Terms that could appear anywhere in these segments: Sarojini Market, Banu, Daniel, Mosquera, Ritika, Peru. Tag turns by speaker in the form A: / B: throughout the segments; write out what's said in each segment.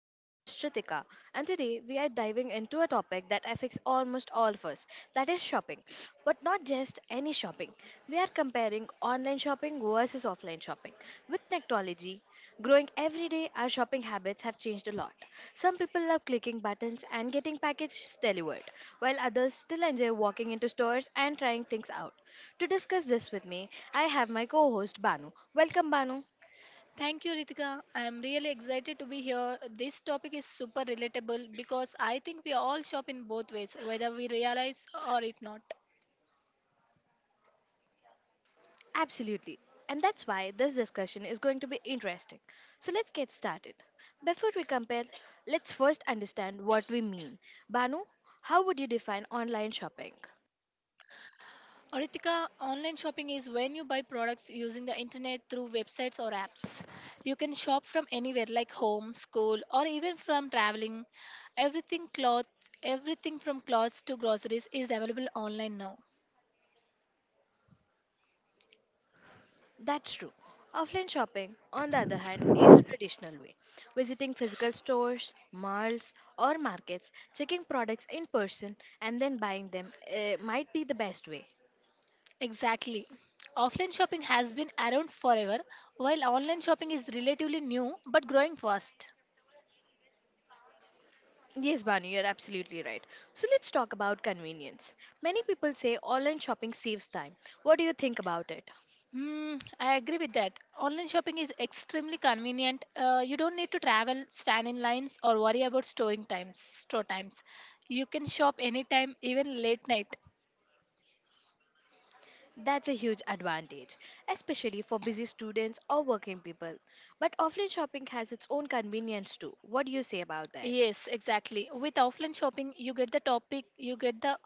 A: I'm your host, Ritika, and today we are diving into a topic that affects almost all of us, that is shopping. But not just any shopping. We are comparing online shopping versus offline shopping. With technology growing every day, our shopping habits have changed a lot. Some people love clicking buttons and getting packages delivered, while others still enjoy walking into stores and trying things out. To discuss this with me, I have my co host, Banu. Welcome, Banu.
B: Thank you, Ritika. I am really excited to be here. This topic is super relatable because I think we all shop in both ways, whether we realize or it not.
A: Absolutely. And that's why this discussion is going to be interesting. So let's get started. Before we compare, let's first understand what we mean. Banu, how would you define online shopping?
B: Ritika, online shopping is when you buy products using the internet through websites or apps. You can shop from anywhere like home, school, or even from traveling. Everything cloth, Everything from clothes to groceries is available online now.
A: That's true. Offline shopping, on the other hand, is a traditional way. Visiting physical stores, malls, or markets, checking products in person, and then buying them might be the best way.
B: Exactly. Offline shopping has been around forever, while online shopping is relatively new but growing fast.
A: Yes, Banu, you're absolutely right. So let's talk about convenience. Many people say online shopping saves time. What do you think about it?
B: I agree with that. Online shopping is extremely convenient. You don't need to travel, stand in lines, or worry about store times. You can shop anytime, even late night.
A: That's a huge advantage, especially for busy students or working people. But offline shopping has its own convenience too. What do you say about that?
B: Yes, exactly. With offline shopping, you get the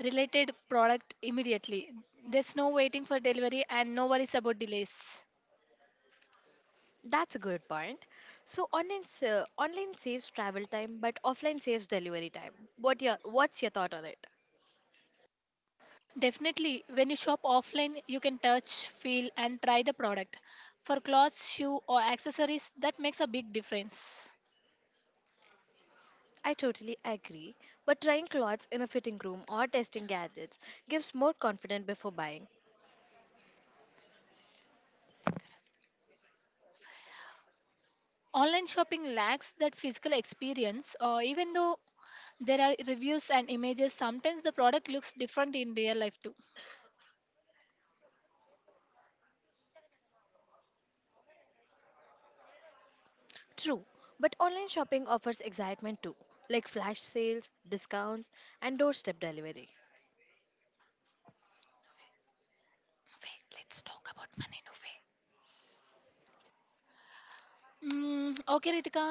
B: related product immediately. There's no waiting for delivery and no worries about delays.
A: That's a good point. So online saves travel time, but offline saves delivery time. What's your thought on it?
B: Definitely, when you shop offline, you can touch, feel, and try the product. For clothes, shoe, or accessories, that makes a big difference.
A: I totally agree, but trying clothes in a fitting room or testing gadgets gives more confidence before buying.
B: Online shopping lacks that physical experience, or even though there are reviews and images, sometimes the product looks different in real life too.
A: True, but online shopping offers excitement too, like flash sales, discounts, and doorstep delivery.
B: Wait, let's talk about money, no, okay, Ritika,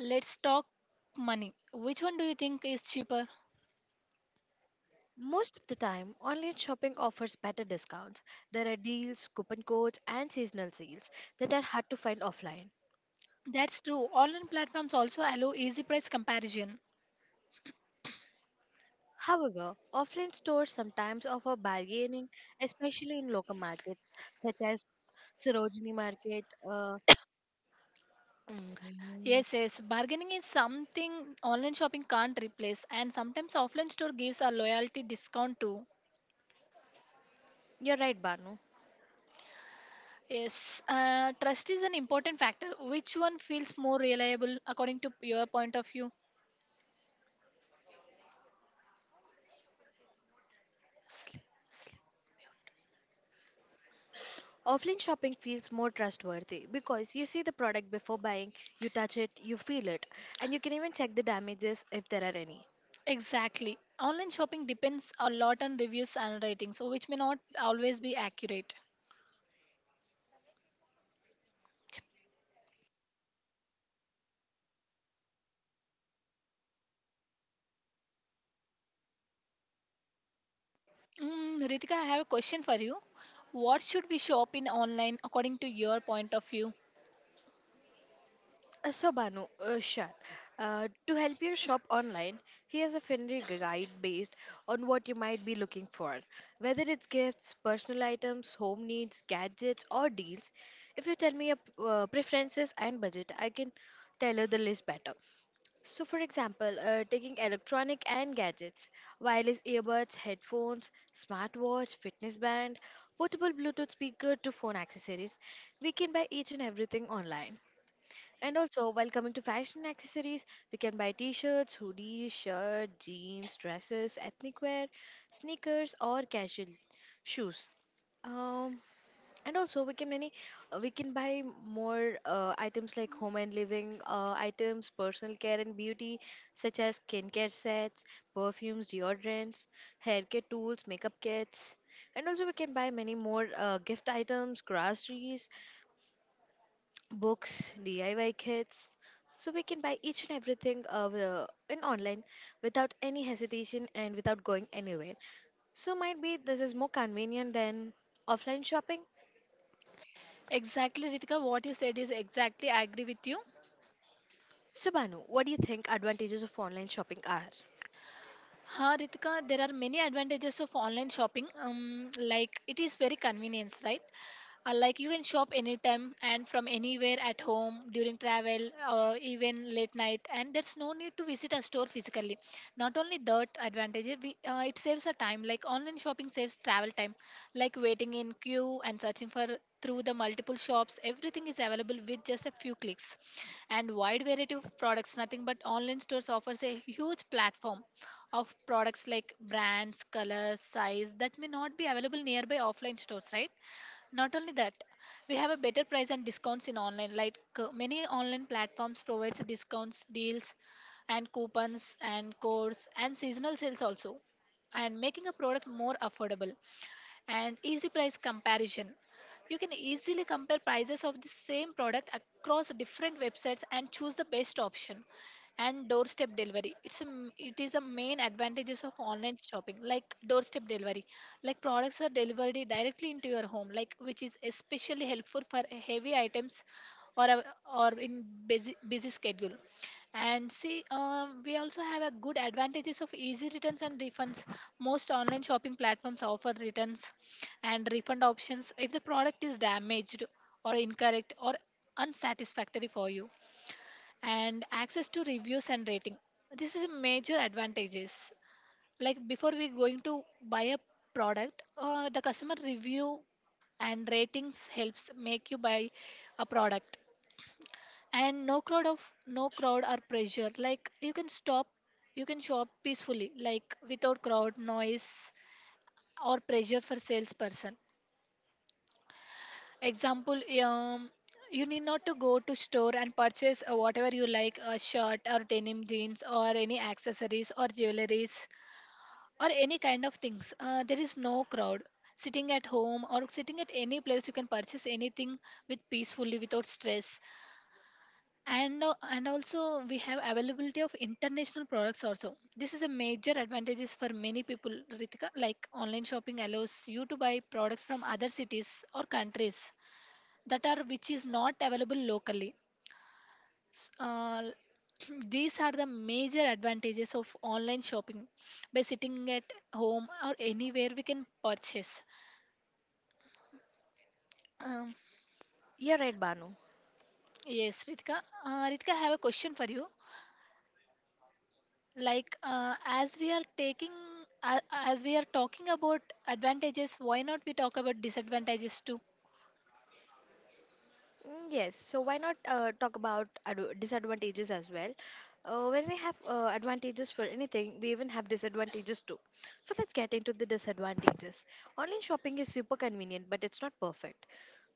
B: let's talk money. Which one do you think is cheaper?
A: Most of the time, online shopping offers better discounts. There are deals, coupon codes, and seasonal sales that are hard to find offline.
B: That's true. Online platforms also allow easy price comparison.
A: However, offline stores sometimes offer bargaining, especially in local markets such as Sarojini Market. Mm,
B: Yes, yes. Bargaining is something online shopping can't replace, and sometimes offline store gives a loyalty discount too.
A: you're right, Banu.
B: Yes, trust is an important factor. Which one feels more reliable according to your point of view?
A: Offline shopping feels more trustworthy because you see the product before buying, you touch it, you feel it, and you can even check the damages if there are any.
B: Exactly. Online shopping depends a lot on reviews and ratings, so which may not always be accurate. Ritika, I have a question for you. What should we shop in online according to your point of view?
A: So, Banu, sure. To help you shop online, here's a friendly guide based on what you might be looking for. Whether it's gifts, personal items, home needs, gadgets, or deals, if you tell me your preferences and budget, I can tailor the list better. So, for example, taking electronic and gadgets, wireless earbuds, headphones, smartwatch, fitness band, portable Bluetooth speaker to phone accessories, we can buy each and everything online. And also, while coming to fashion accessories, we can buy t shirts, hoodies, shirt, jeans, dresses, ethnic wear, sneakers, or casual shoes. Um, and also we can many we can buy more items like home and living items, personal care and beauty such as skincare sets, perfumes, deodorants, hair care tools, makeup kits, and also we can buy many more gift items, groceries, books, diy kits. So we can buy each and everything in online without any hesitation and without going anywhere, so might be this is more convenient than offline shopping.
B: Exactly, Ritika, what you said is exactly I agree with you.
A: So, Banu, what do you think advantages of online shopping are?
B: Ha, Ritika, there are many advantages of online shopping. Like it is very convenient, right? Like you can shop anytime and from anywhere at home during travel or even late night, and there's no need to visit a store physically. Not only that advantage, it saves a time. Like online shopping saves travel time, like waiting in queue and searching for through the multiple shops. Everything is available with just a few clicks, and wide variety of products. Nothing but online stores offers a huge platform of products like brands, colors, size that may not be available nearby offline stores, right? Not only that, we have a better price and discounts in online. Like many online platforms provides discounts, deals, and coupons and codes and seasonal sales also, and making a product more affordable and easy price comparison. You can easily compare prices of the same product across different websites and choose the best option. And doorstep delivery. It is a main advantages of online shopping, like doorstep delivery. Like products are delivered directly into your home, like which is especially helpful for heavy items or a, or in busy schedule, and see, we also have a good advantages of easy returns and refunds. Most online shopping platforms offer returns and refund options if the product is damaged or incorrect or unsatisfactory for you, and access to reviews and rating. This is a major advantages, like before we going to buy a product, the customer review and ratings helps make you buy a product. And no crowd or pressure, like you can shop peacefully, like without crowd noise or pressure for salesperson. Example, you need not to go to store and purchase whatever you like, a shirt or denim jeans or any accessories or jewelries or any kind of things. There is no crowd. Sitting at home or sitting at any place, you can purchase anything with peacefully without stress. And also we have availability of international products also. This is a major advantages for many people, Ritika. Like online shopping allows you to buy products from other cities or countries that are which is not available locally. S- uh, these are the major advantages of online shopping by sitting at home or anywhere we can purchase. um,
A: You're right, Banu.
B: yes, Ritika. Ritika, I have a question for you, like as we are taking a- as we are talking about advantages. Why not we talk about disadvantages too?
A: Yes, so why not talk about disadvantages as well? When we have advantages for anything, we even have disadvantages too. So let's get into the disadvantages. Online shopping is super convenient, but it's not perfect.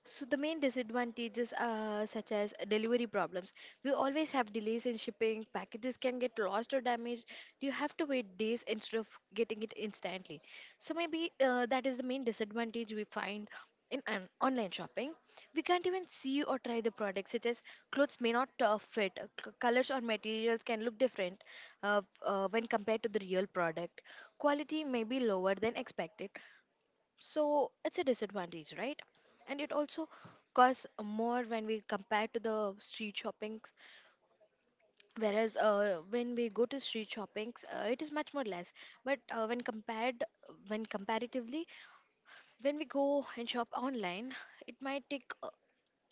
A: So the main disadvantages are such as delivery problems. We always have delays in shipping. Packages can get lost or damaged. You have to wait days instead of getting it instantly. So maybe that is the main disadvantage we find in an online shopping. We can't even see or try the products, such as clothes may not fit. Colors or materials can look different when compared to the real product. Quality may be lower than expected. So it's a disadvantage, right? And it also costs more when we compare to the street shopping, whereas when we go to street shoppings, it is much more less. But when compared, when comparatively, when we go and shop online, it might take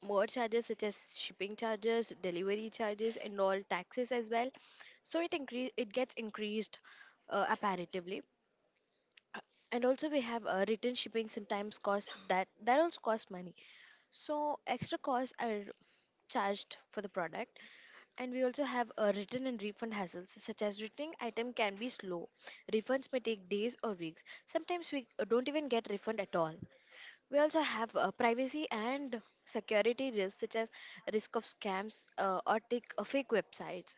A: more charges such as shipping charges, delivery charges, and all taxes as well. So it increase, it gets increased apparatively. Uh, And also we have return shipping sometimes costs, that also costs money. So extra costs are charged for the product, and we also have a return and refund hassles such as returning item can be slow. Refunds may take days or weeks. Sometimes we don't even get refund at all. We also have privacy and security risks such as risk of scams fake websites.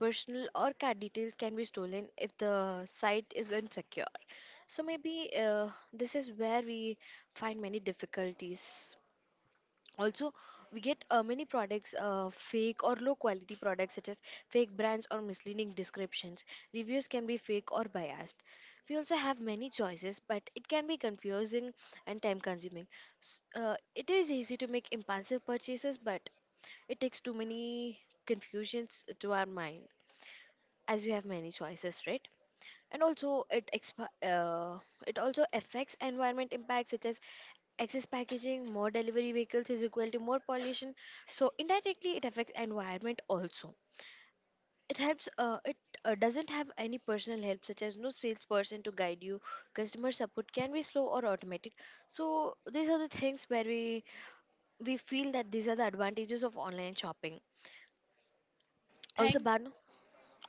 A: Personal or card details can be stolen if the site is insecure. So maybe this is where we find many difficulties. Also we get many products, fake or low quality products such as fake brands or misleading descriptions. Reviews can be fake or biased. We also have many choices, but it can be confusing and time consuming. It is easy to make impulsive purchases, but it takes too many confusions to our mind as we have many choices, right? And also it also affects environment impacts such as excess packaging, more delivery vehicles is equal to more pollution. So indirectly, it affects environment also. It helps. It doesn't have any personal help, such as no salesperson to guide you. Customer support can be slow or automatic. So these are the things where we feel that these are the advantages of online shopping. Also,
B: Thank.
A: Banu.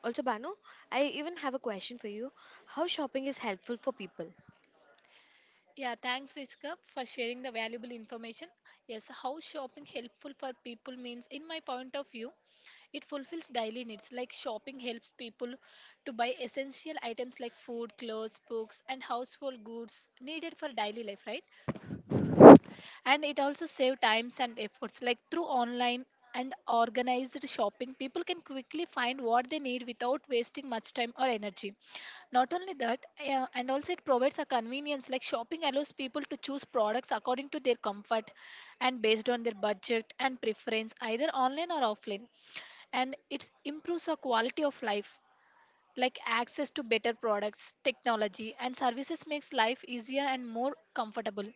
A: Also, Banu, I even have a question for you. How shopping is helpful for people?
B: Yeah, thanks Rizka for sharing the valuable information. Yes, how shopping helpful for people means in my point of view, it fulfills daily needs, like shopping helps people to buy essential items like food, clothes, books and household goods needed for daily life, right? And it also saves times and efforts, like through online and organized shopping people can quickly find what they need without wasting much time or energy. Not only that, and also it provides a convenience, like shopping allows people to choose products according to their comfort and based on their budget and preference, either online or offline. And it improves our quality of life, like access to better products, technology and services makes life easier and more comfortable.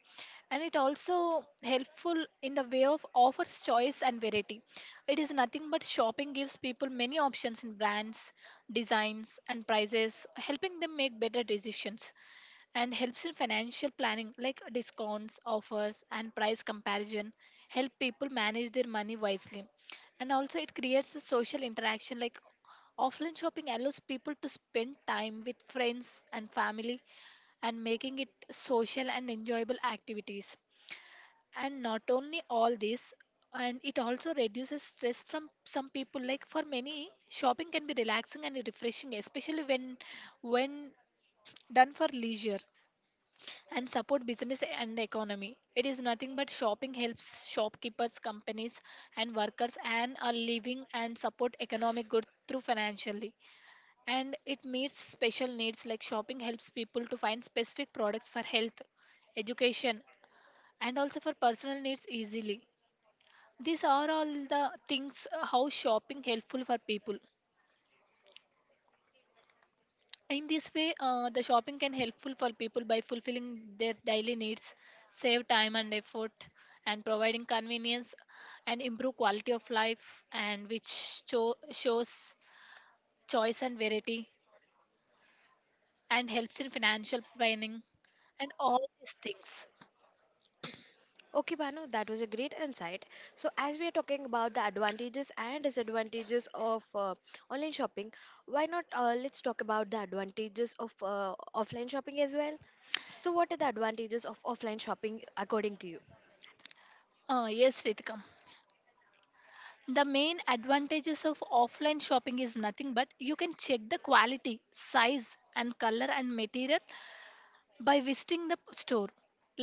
B: And it also helpful in the way of offers choice and variety. It is nothing but shopping gives people many options in brands, designs and prices, helping them make better decisions. And helps in financial planning, like discounts, offers, and price comparison help people manage their money wisely. And also, it creates a social interaction, like offline shopping allows people to spend time with friends and family, and making it social and enjoyable activities. And not only all this, and it also reduces stress from some people, like for many shopping can be relaxing and refreshing, especially when done for leisure. And support business and economy. It is nothing but shopping helps shopkeepers, companies, and workers earn a living and support economic good through financially. And it meets special needs, like shopping helps people to find specific products for health, education, and also for personal needs easily. These are all the things, how shopping helpful for people. In this way, the shopping can helpful for people by fulfilling their daily needs, save time and effort, and providing convenience and improve quality of life, and which shows choice and variety, and helps in financial planning, and all these things.
A: Okay, Banu, that was a great insight. So, as we are talking about the advantages and disadvantages of online shopping, why not let's talk about the advantages of offline shopping as well? So, what are the advantages of offline shopping according to you?
B: Yes, Ritika. The main advantages of offline shopping is nothing but you can check the quality, size, and color and material by visiting the store,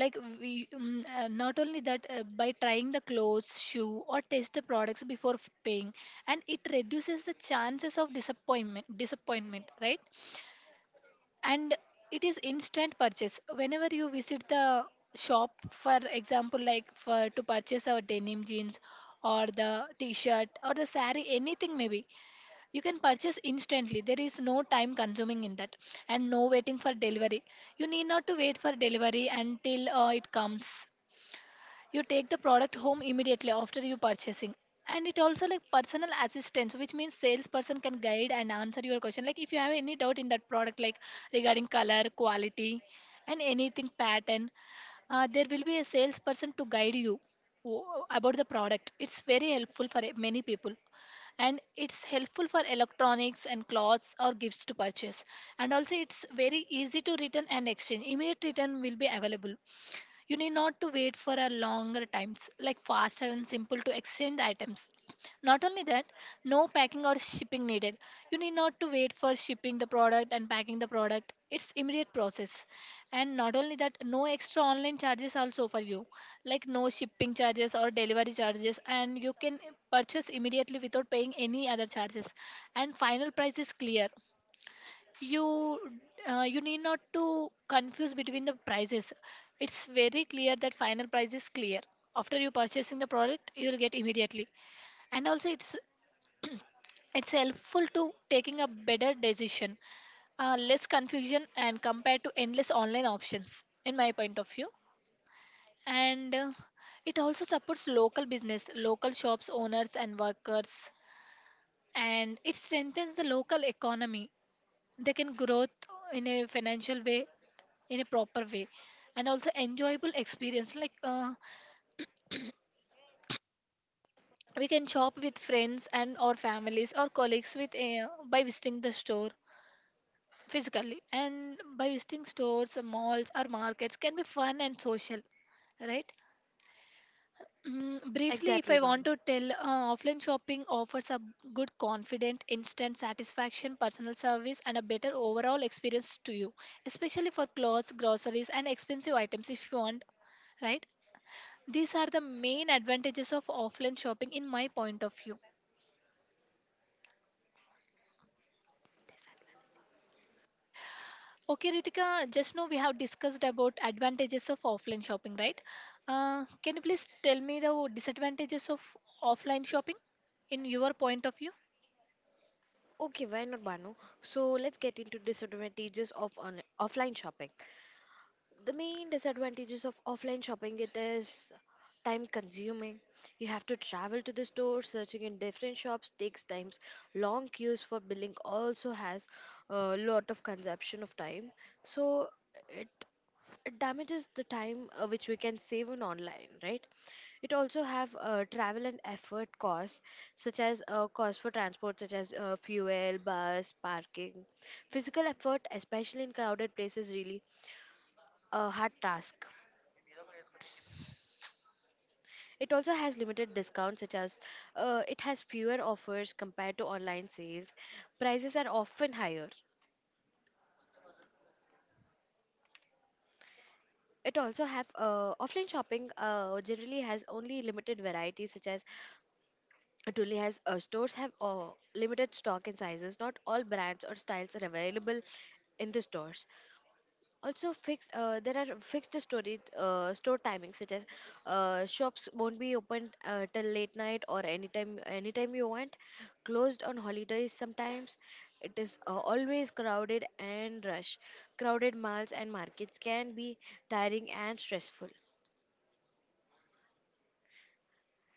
B: like we not only that, by trying the clothes shoe or taste the products before paying, and it reduces the chances of disappointment, right? And it is instant purchase whenever you visit the shop. For example, like for to purchase our denim jeans or the t-shirt or the sari, anything maybe you can purchase instantly. There is no time consuming in that, and no waiting for delivery. You need not to wait for delivery until it comes. You take the product home immediately after you purchasing. And it also like personal assistance, which means salesperson can guide and answer your question. Like if you have any doubt in that product, like regarding color, quality, and anything pattern, there will be a salesperson to guide you about the product. It's very helpful for many people, and it's helpful for electronics and clothes or gifts to purchase. And also it's very easy to return and exchange. Immediate return will be available, you need not to wait for a longer times, like faster and simple to exchange items. Not only that, no packing or shipping needed. You need not to wait for shipping the product and packing the product. It's immediate process. And not only that, no extra online charges also for you, like no shipping charges or delivery charges, and you can purchase immediately without paying any other charges. And final price is clear, you you need not to confuse between the prices. It's very clear that final price is clear after you purchasing the product, you will get immediately. And also it's helpful to taking a better decision, less confusion and compared to endless online options in my point of view. And it also supports local business, local shops owners and workers, and it strengthens the local economy. They can grow in a financial way, in a proper way. And also enjoyable experience, like we can shop with friends and or families or colleagues with by visiting the store physically, and by visiting stores malls or markets can be fun and social, right? Briefly, if
A: Exactly,
B: I
A: Banu.
B: want to tell, offline shopping offers a good confident instant satisfaction, personal service and a better overall experience to you, especially for clothes groceries and expensive items if you want, right? These are the main advantages of offline shopping in my point of view. Okay, Ritika, just now we have discussed about advantages of offline shopping, right? Can you please tell me the disadvantages of offline shopping in your point of view?
A: Okay, why not, Banu? So, let's get into disadvantages of offline shopping. The main disadvantages of offline shopping: it is time consuming, you have to travel to the store, searching in different shops takes times, long queues for billing also has a lot of consumption of time. So it, it damages the time which we can save on online, right? It also have travel and effort costs, such as cost for transport such as fuel, bus, parking, physical effort, especially in crowded places, really a hard task. It also has limited discounts, such as it has fewer offers compared to online sales. Prices are often higher. It also have offline shopping generally has only limited varieties, such as it only has stores have limited stock and sizes. Not all brands or styles are available in the stores. Also fix There are fixed storage store timings, such as shops won't be open till late night or anytime, anytime you want, closed on holidays sometimes. It is always crowded and rush. Crowded malls and markets can be tiring and stressful.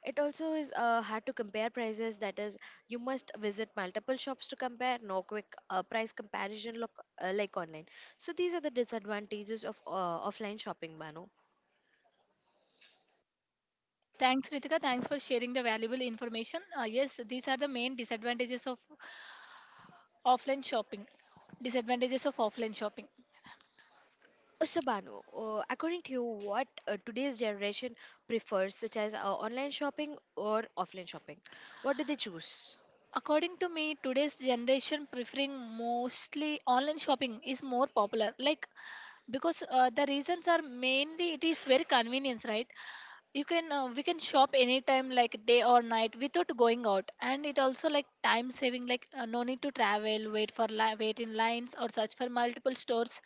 A: It also is hard to compare prices, that is you must visit multiple shops to compare, no quick price comparison look, like online. So these are the disadvantages of offline shopping, Banu.
B: Thanks, Ritika. Thanks for sharing the valuable information. Yes, these are the main disadvantages of offline shopping. Disadvantages of offline shopping.
A: So Banu, according to you, what today's generation prefers, such as online shopping or offline shopping? What do they choose?
B: According to me, today's generation preferring mostly online shopping is more popular. Like, because the reasons are mainly it is very convenience, right? You can we can shop anytime, like day or night, without going out, and it also like time saving, like no need to travel, wait in lines or search for multiple stores.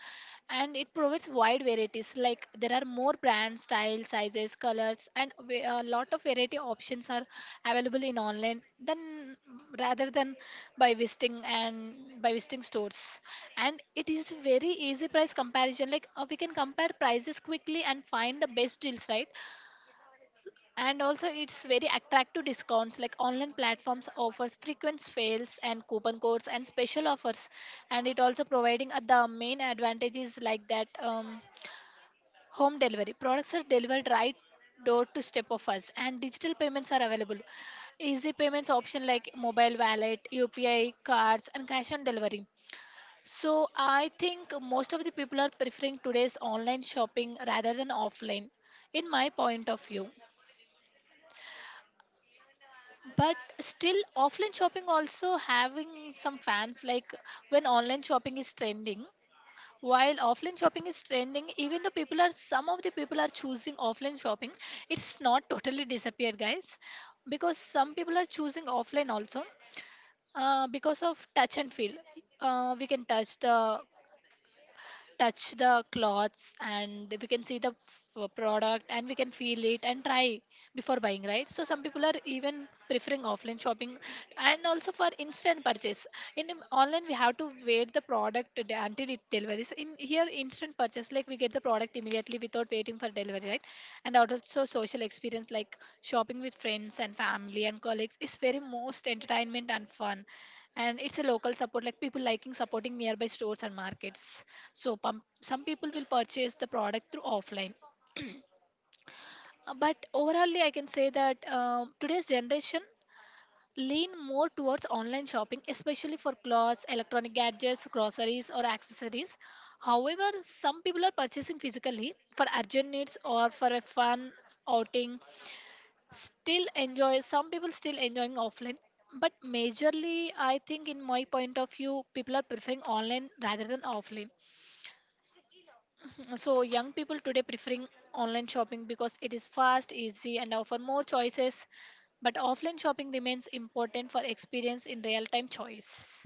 B: And it provides wide varieties, like there are more brands, styles, sizes, colors, and a lot of variety options are available in online than, rather than, by visiting and by visiting stores. And it is very easy price comparison, like we can compare prices quickly and find the best deals, right? And also it's very attractive discounts, like online platforms offers frequent sales and coupon codes and special offers. And it also providing the main advantages, like that, home delivery, products are delivered right door to step of us, and digital payments are available, easy payments option like mobile wallet, upi cards, and cash on delivery. So I think most of the people are preferring today's online shopping rather than offline, in my point of view. But still offline shopping also having some fans, like when online shopping is trending, while offline shopping is trending, even the people are, some of the people are choosing offline shopping. It's not totally disappeared, guys, because some people are choosing offline also. Because of touch and feel, we can touch the clothes, and we can see the product, and we can feel it and try before buying, right? So some people are even preferring offline shopping. And also for instant purchase, in online we have to wait the product until it delivers. In here, instant purchase, like we get the product immediately without waiting for delivery, right? And also social experience, like shopping with friends and family and colleagues is very most entertainment and fun. And it's a local support, like people liking supporting nearby stores and markets. So some people will purchase the product through offline. But overallly, I can say that today's generation lean more towards online shopping, especially for clothes, electronic gadgets, groceries, or accessories. However, some people are purchasing physically for urgent needs or for a fun outing. Still enjoy. Some people still enjoying offline. But majorly, I think, in my point of view, people are preferring online rather than offline. So young people today preferring online shopping because it is fast, easy and offer more choices. But offline shopping remains important for experience in real time choice.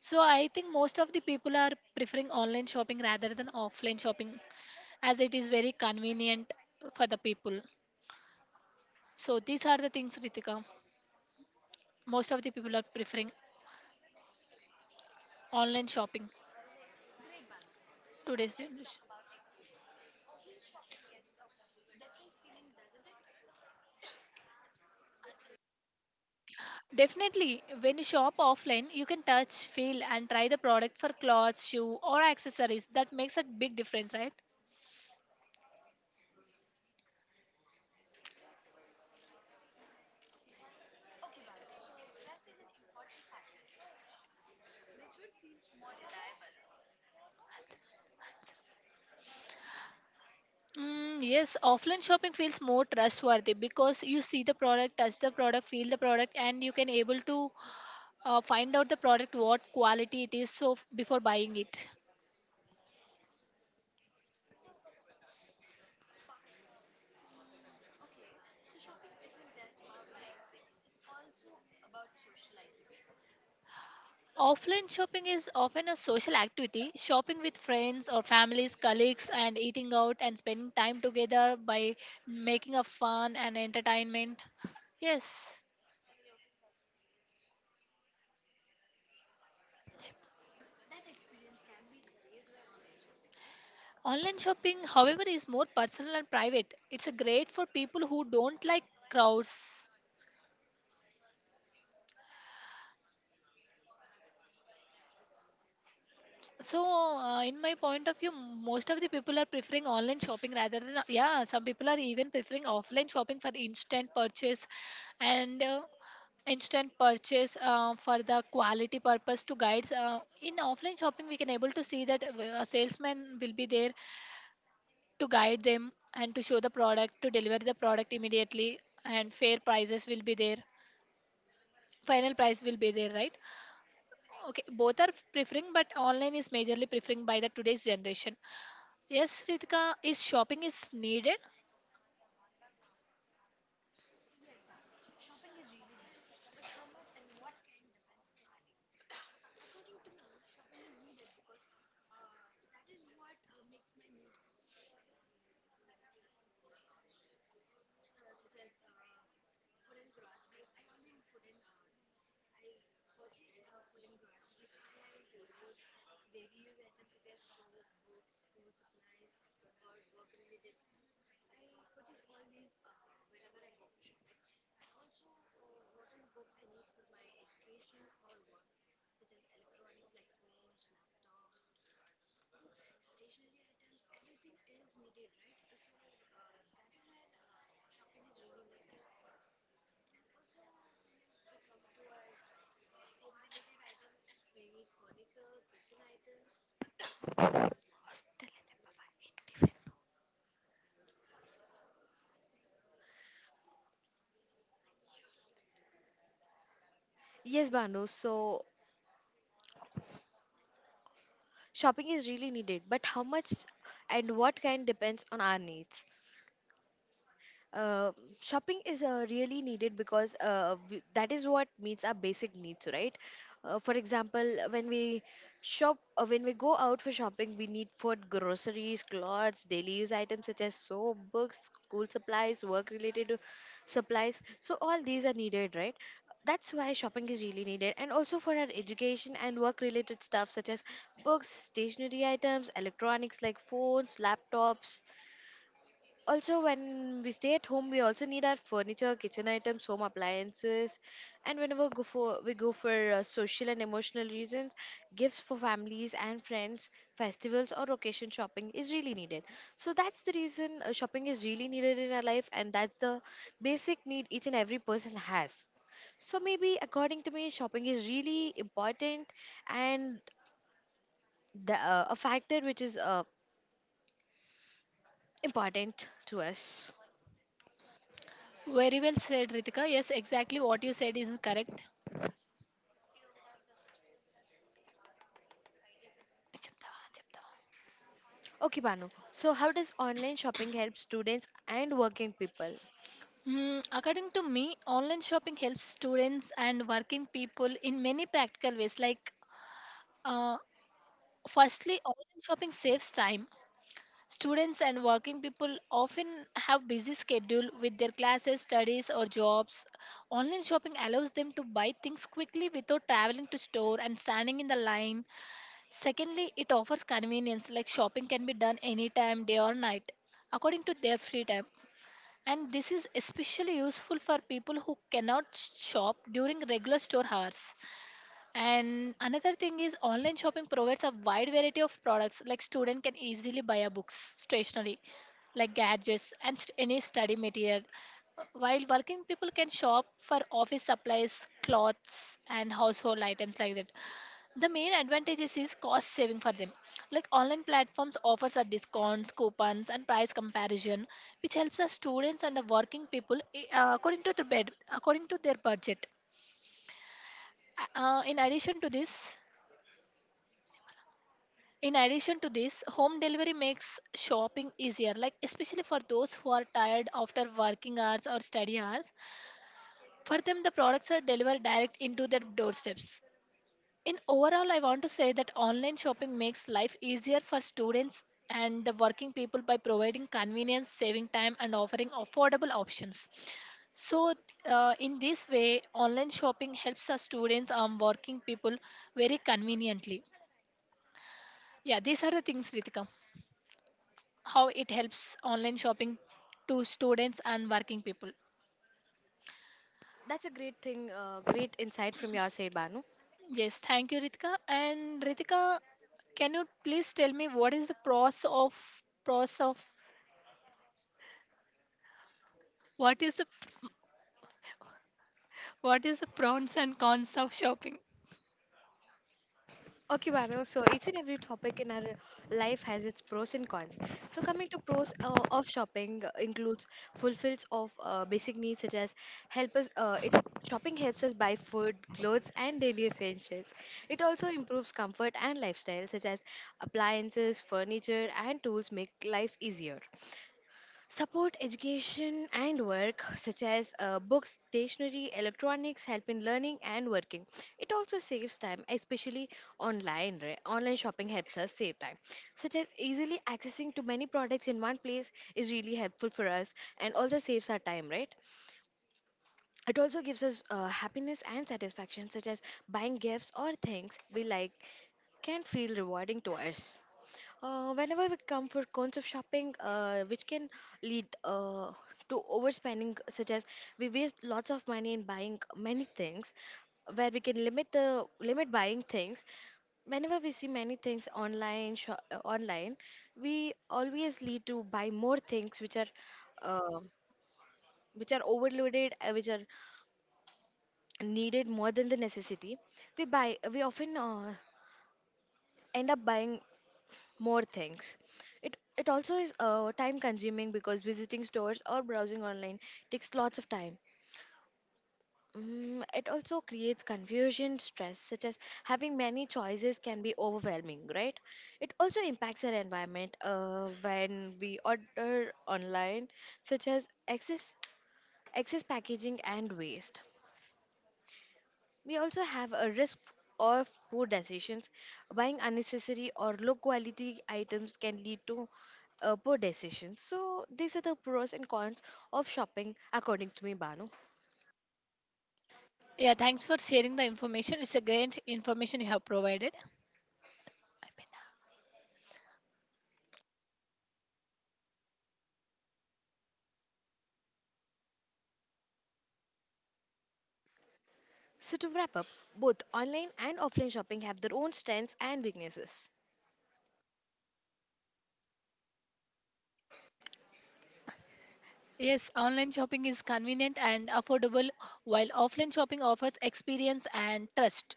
B: So I think most of the people are preferring online shopping rather than offline shopping, as it is very convenient for the people. So these are the things, Ritika. Most of the people are preferring online shopping today's generation. Definitely, when you shop offline, you can touch, feel, and try the product for clothes, shoe, or accessories. That makes a big difference, right? Mm, yes, offline shopping feels more trustworthy because you see the product, touch the product, feel the product, and you can able to find out the product what quality it is, so before buying it. Offline shopping is often a social activity. Shopping with friends or families, colleagues, and eating out and spending time together by making a fun and entertainment. Yes. Online shopping, however, is more personal and private. It's a great for people who don't like crowds. So, in my point of view, most of the people are preferring online shopping rather than, yeah, some people are even preferring offline shopping for instant purchase and instant purchase for the quality purpose to guides. In offline shopping, we can able to see that a salesman will be there to guide them and to show the product, to deliver the product immediately, and fair prices will be there. Final price will be there, right? Okay, both are preferring, but online is majorly preferring by the today's generation. Yes, Ritika, is shopping is needed?
A: Yes, Banu. So shopping is really needed, but how much and what kind depends on our needs. uh, Shopping is really needed because we, that is what meets our basic needs, right? For example, when we when we go out for shopping, we need food, groceries, clothes, daily use items such as soap, books, school supplies, work-related supplies. So all these are needed, right? That's why shopping is really needed, and also for our education and work-related stuff such as books, stationery items, electronics like phones, laptops, also when we stay at home we also need our furniture, kitchen items, home appliances, and whenever go for we go for social and emotional reasons, gifts for families and friends, festivals or occasion, shopping is really needed. So that's the reason shopping is really needed in our life, and that's the basic need each and every person has. So maybe according to me shopping is really important, and the, a factor which is important to us.
B: Very well said, Ritika. Yes, exactly what you said is correct.
A: Okay, Banu. So, how does online shopping help students and working people?
B: Hmm, according to me, online shopping helps students and working people in many practical ways. Like, uh, firstly, online shopping saves time. Students and working people often have busy schedule with their classes, studies, or jobs. Online shopping allows them to buy things quickly without traveling to store and standing in the line. Secondly, it offers convenience, like shopping can be done anytime, day or night, according to their free time. And this is especially useful for people who cannot shop during regular store hours. And another thing is online shopping provides a wide variety of products, like student can easily buy a books, stationery, like gadgets and any study material. While working people can shop for office supplies, clothes and household items, like that the main advantages is cost saving for them, like online platforms offers a discounts, coupons and price comparison, which helps the students and the working people, according to their bed according to their budget. In addition to this, home delivery makes shopping easier, like especially for those who are tired after working hours or study hours. For them the products are delivered direct into their doorsteps. In overall, I want to say that online shopping makes life easier for students and the working people by providing convenience, saving time, and offering affordable options. So, in this way, online shopping helps our students and working people very conveniently. Yeah, these are the things, Ritika, how it helps online shopping to students and working people.
A: That's a great thing, great insight from your side, Banu.
B: Yes, thank you, Ritika. And Ritika, can you please tell me what is the process of what is the what is the pros and cons of shopping?
A: Okay, Banu. So each and every topic in our life has its pros and cons. So coming to pros of shopping includes fulfills of basic needs, such as help us. It Shopping helps us buy food, clothes, and daily essentials. It also improves comfort and lifestyle, such as appliances, furniture, and tools make life easier. Support education and work, such as books, stationery, electronics, help in learning and working. It also saves time, especially online. Right? Online shopping helps us save time, such as easily accessing to many products in one place is really helpful for us and also saves our time, right? It also gives us happiness and satisfaction, such as buying gifts or things we like can feel rewarding to us. Whenever we come for cons of shopping, which can lead to overspending, such as we waste lots of money in buying many things, where we can limit the limit buying things. Whenever we see many things online, sho online, we always lead to buy more things uh, which are overloaded, which are needed more than the necessity. We often end up buying more things. It also is time consuming because visiting stores or browsing online takes lots of time. It also creates confusion, stress, such as having many choices can be overwhelming, right? It also impacts our environment when we order online, such as excess packaging and waste. We also have a risk of poor decisions. Buying unnecessary or low quality items can lead to poor decisions. So, these are the pros and cons of shopping, according to me, Banu.
B: Yeah, thanks for sharing the information. It's a great information you have provided.
A: So, to wrap up, both online and offline shopping have their own strengths and weaknesses.
B: Yes, online shopping is convenient and affordable, while offline shopping offers experience and trust.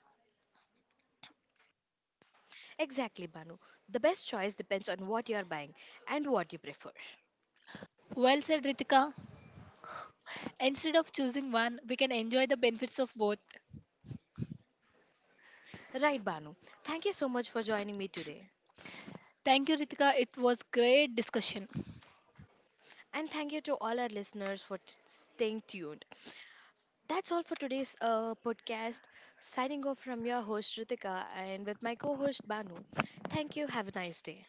A: Exactly, Banu. The best choice depends on what you are buying and what you prefer.
B: Well said, Ritika. Instead of choosing one, we can enjoy the benefits of both.
A: Right, Banu. Thank you so much for joining me today.
B: Thank you, Ritika. It was great discussion.
A: And thank you to all our listeners for staying tuned. That's all for today's podcast. Signing off from your host Ritika and with my co host Banu. Thank you. Have a nice day.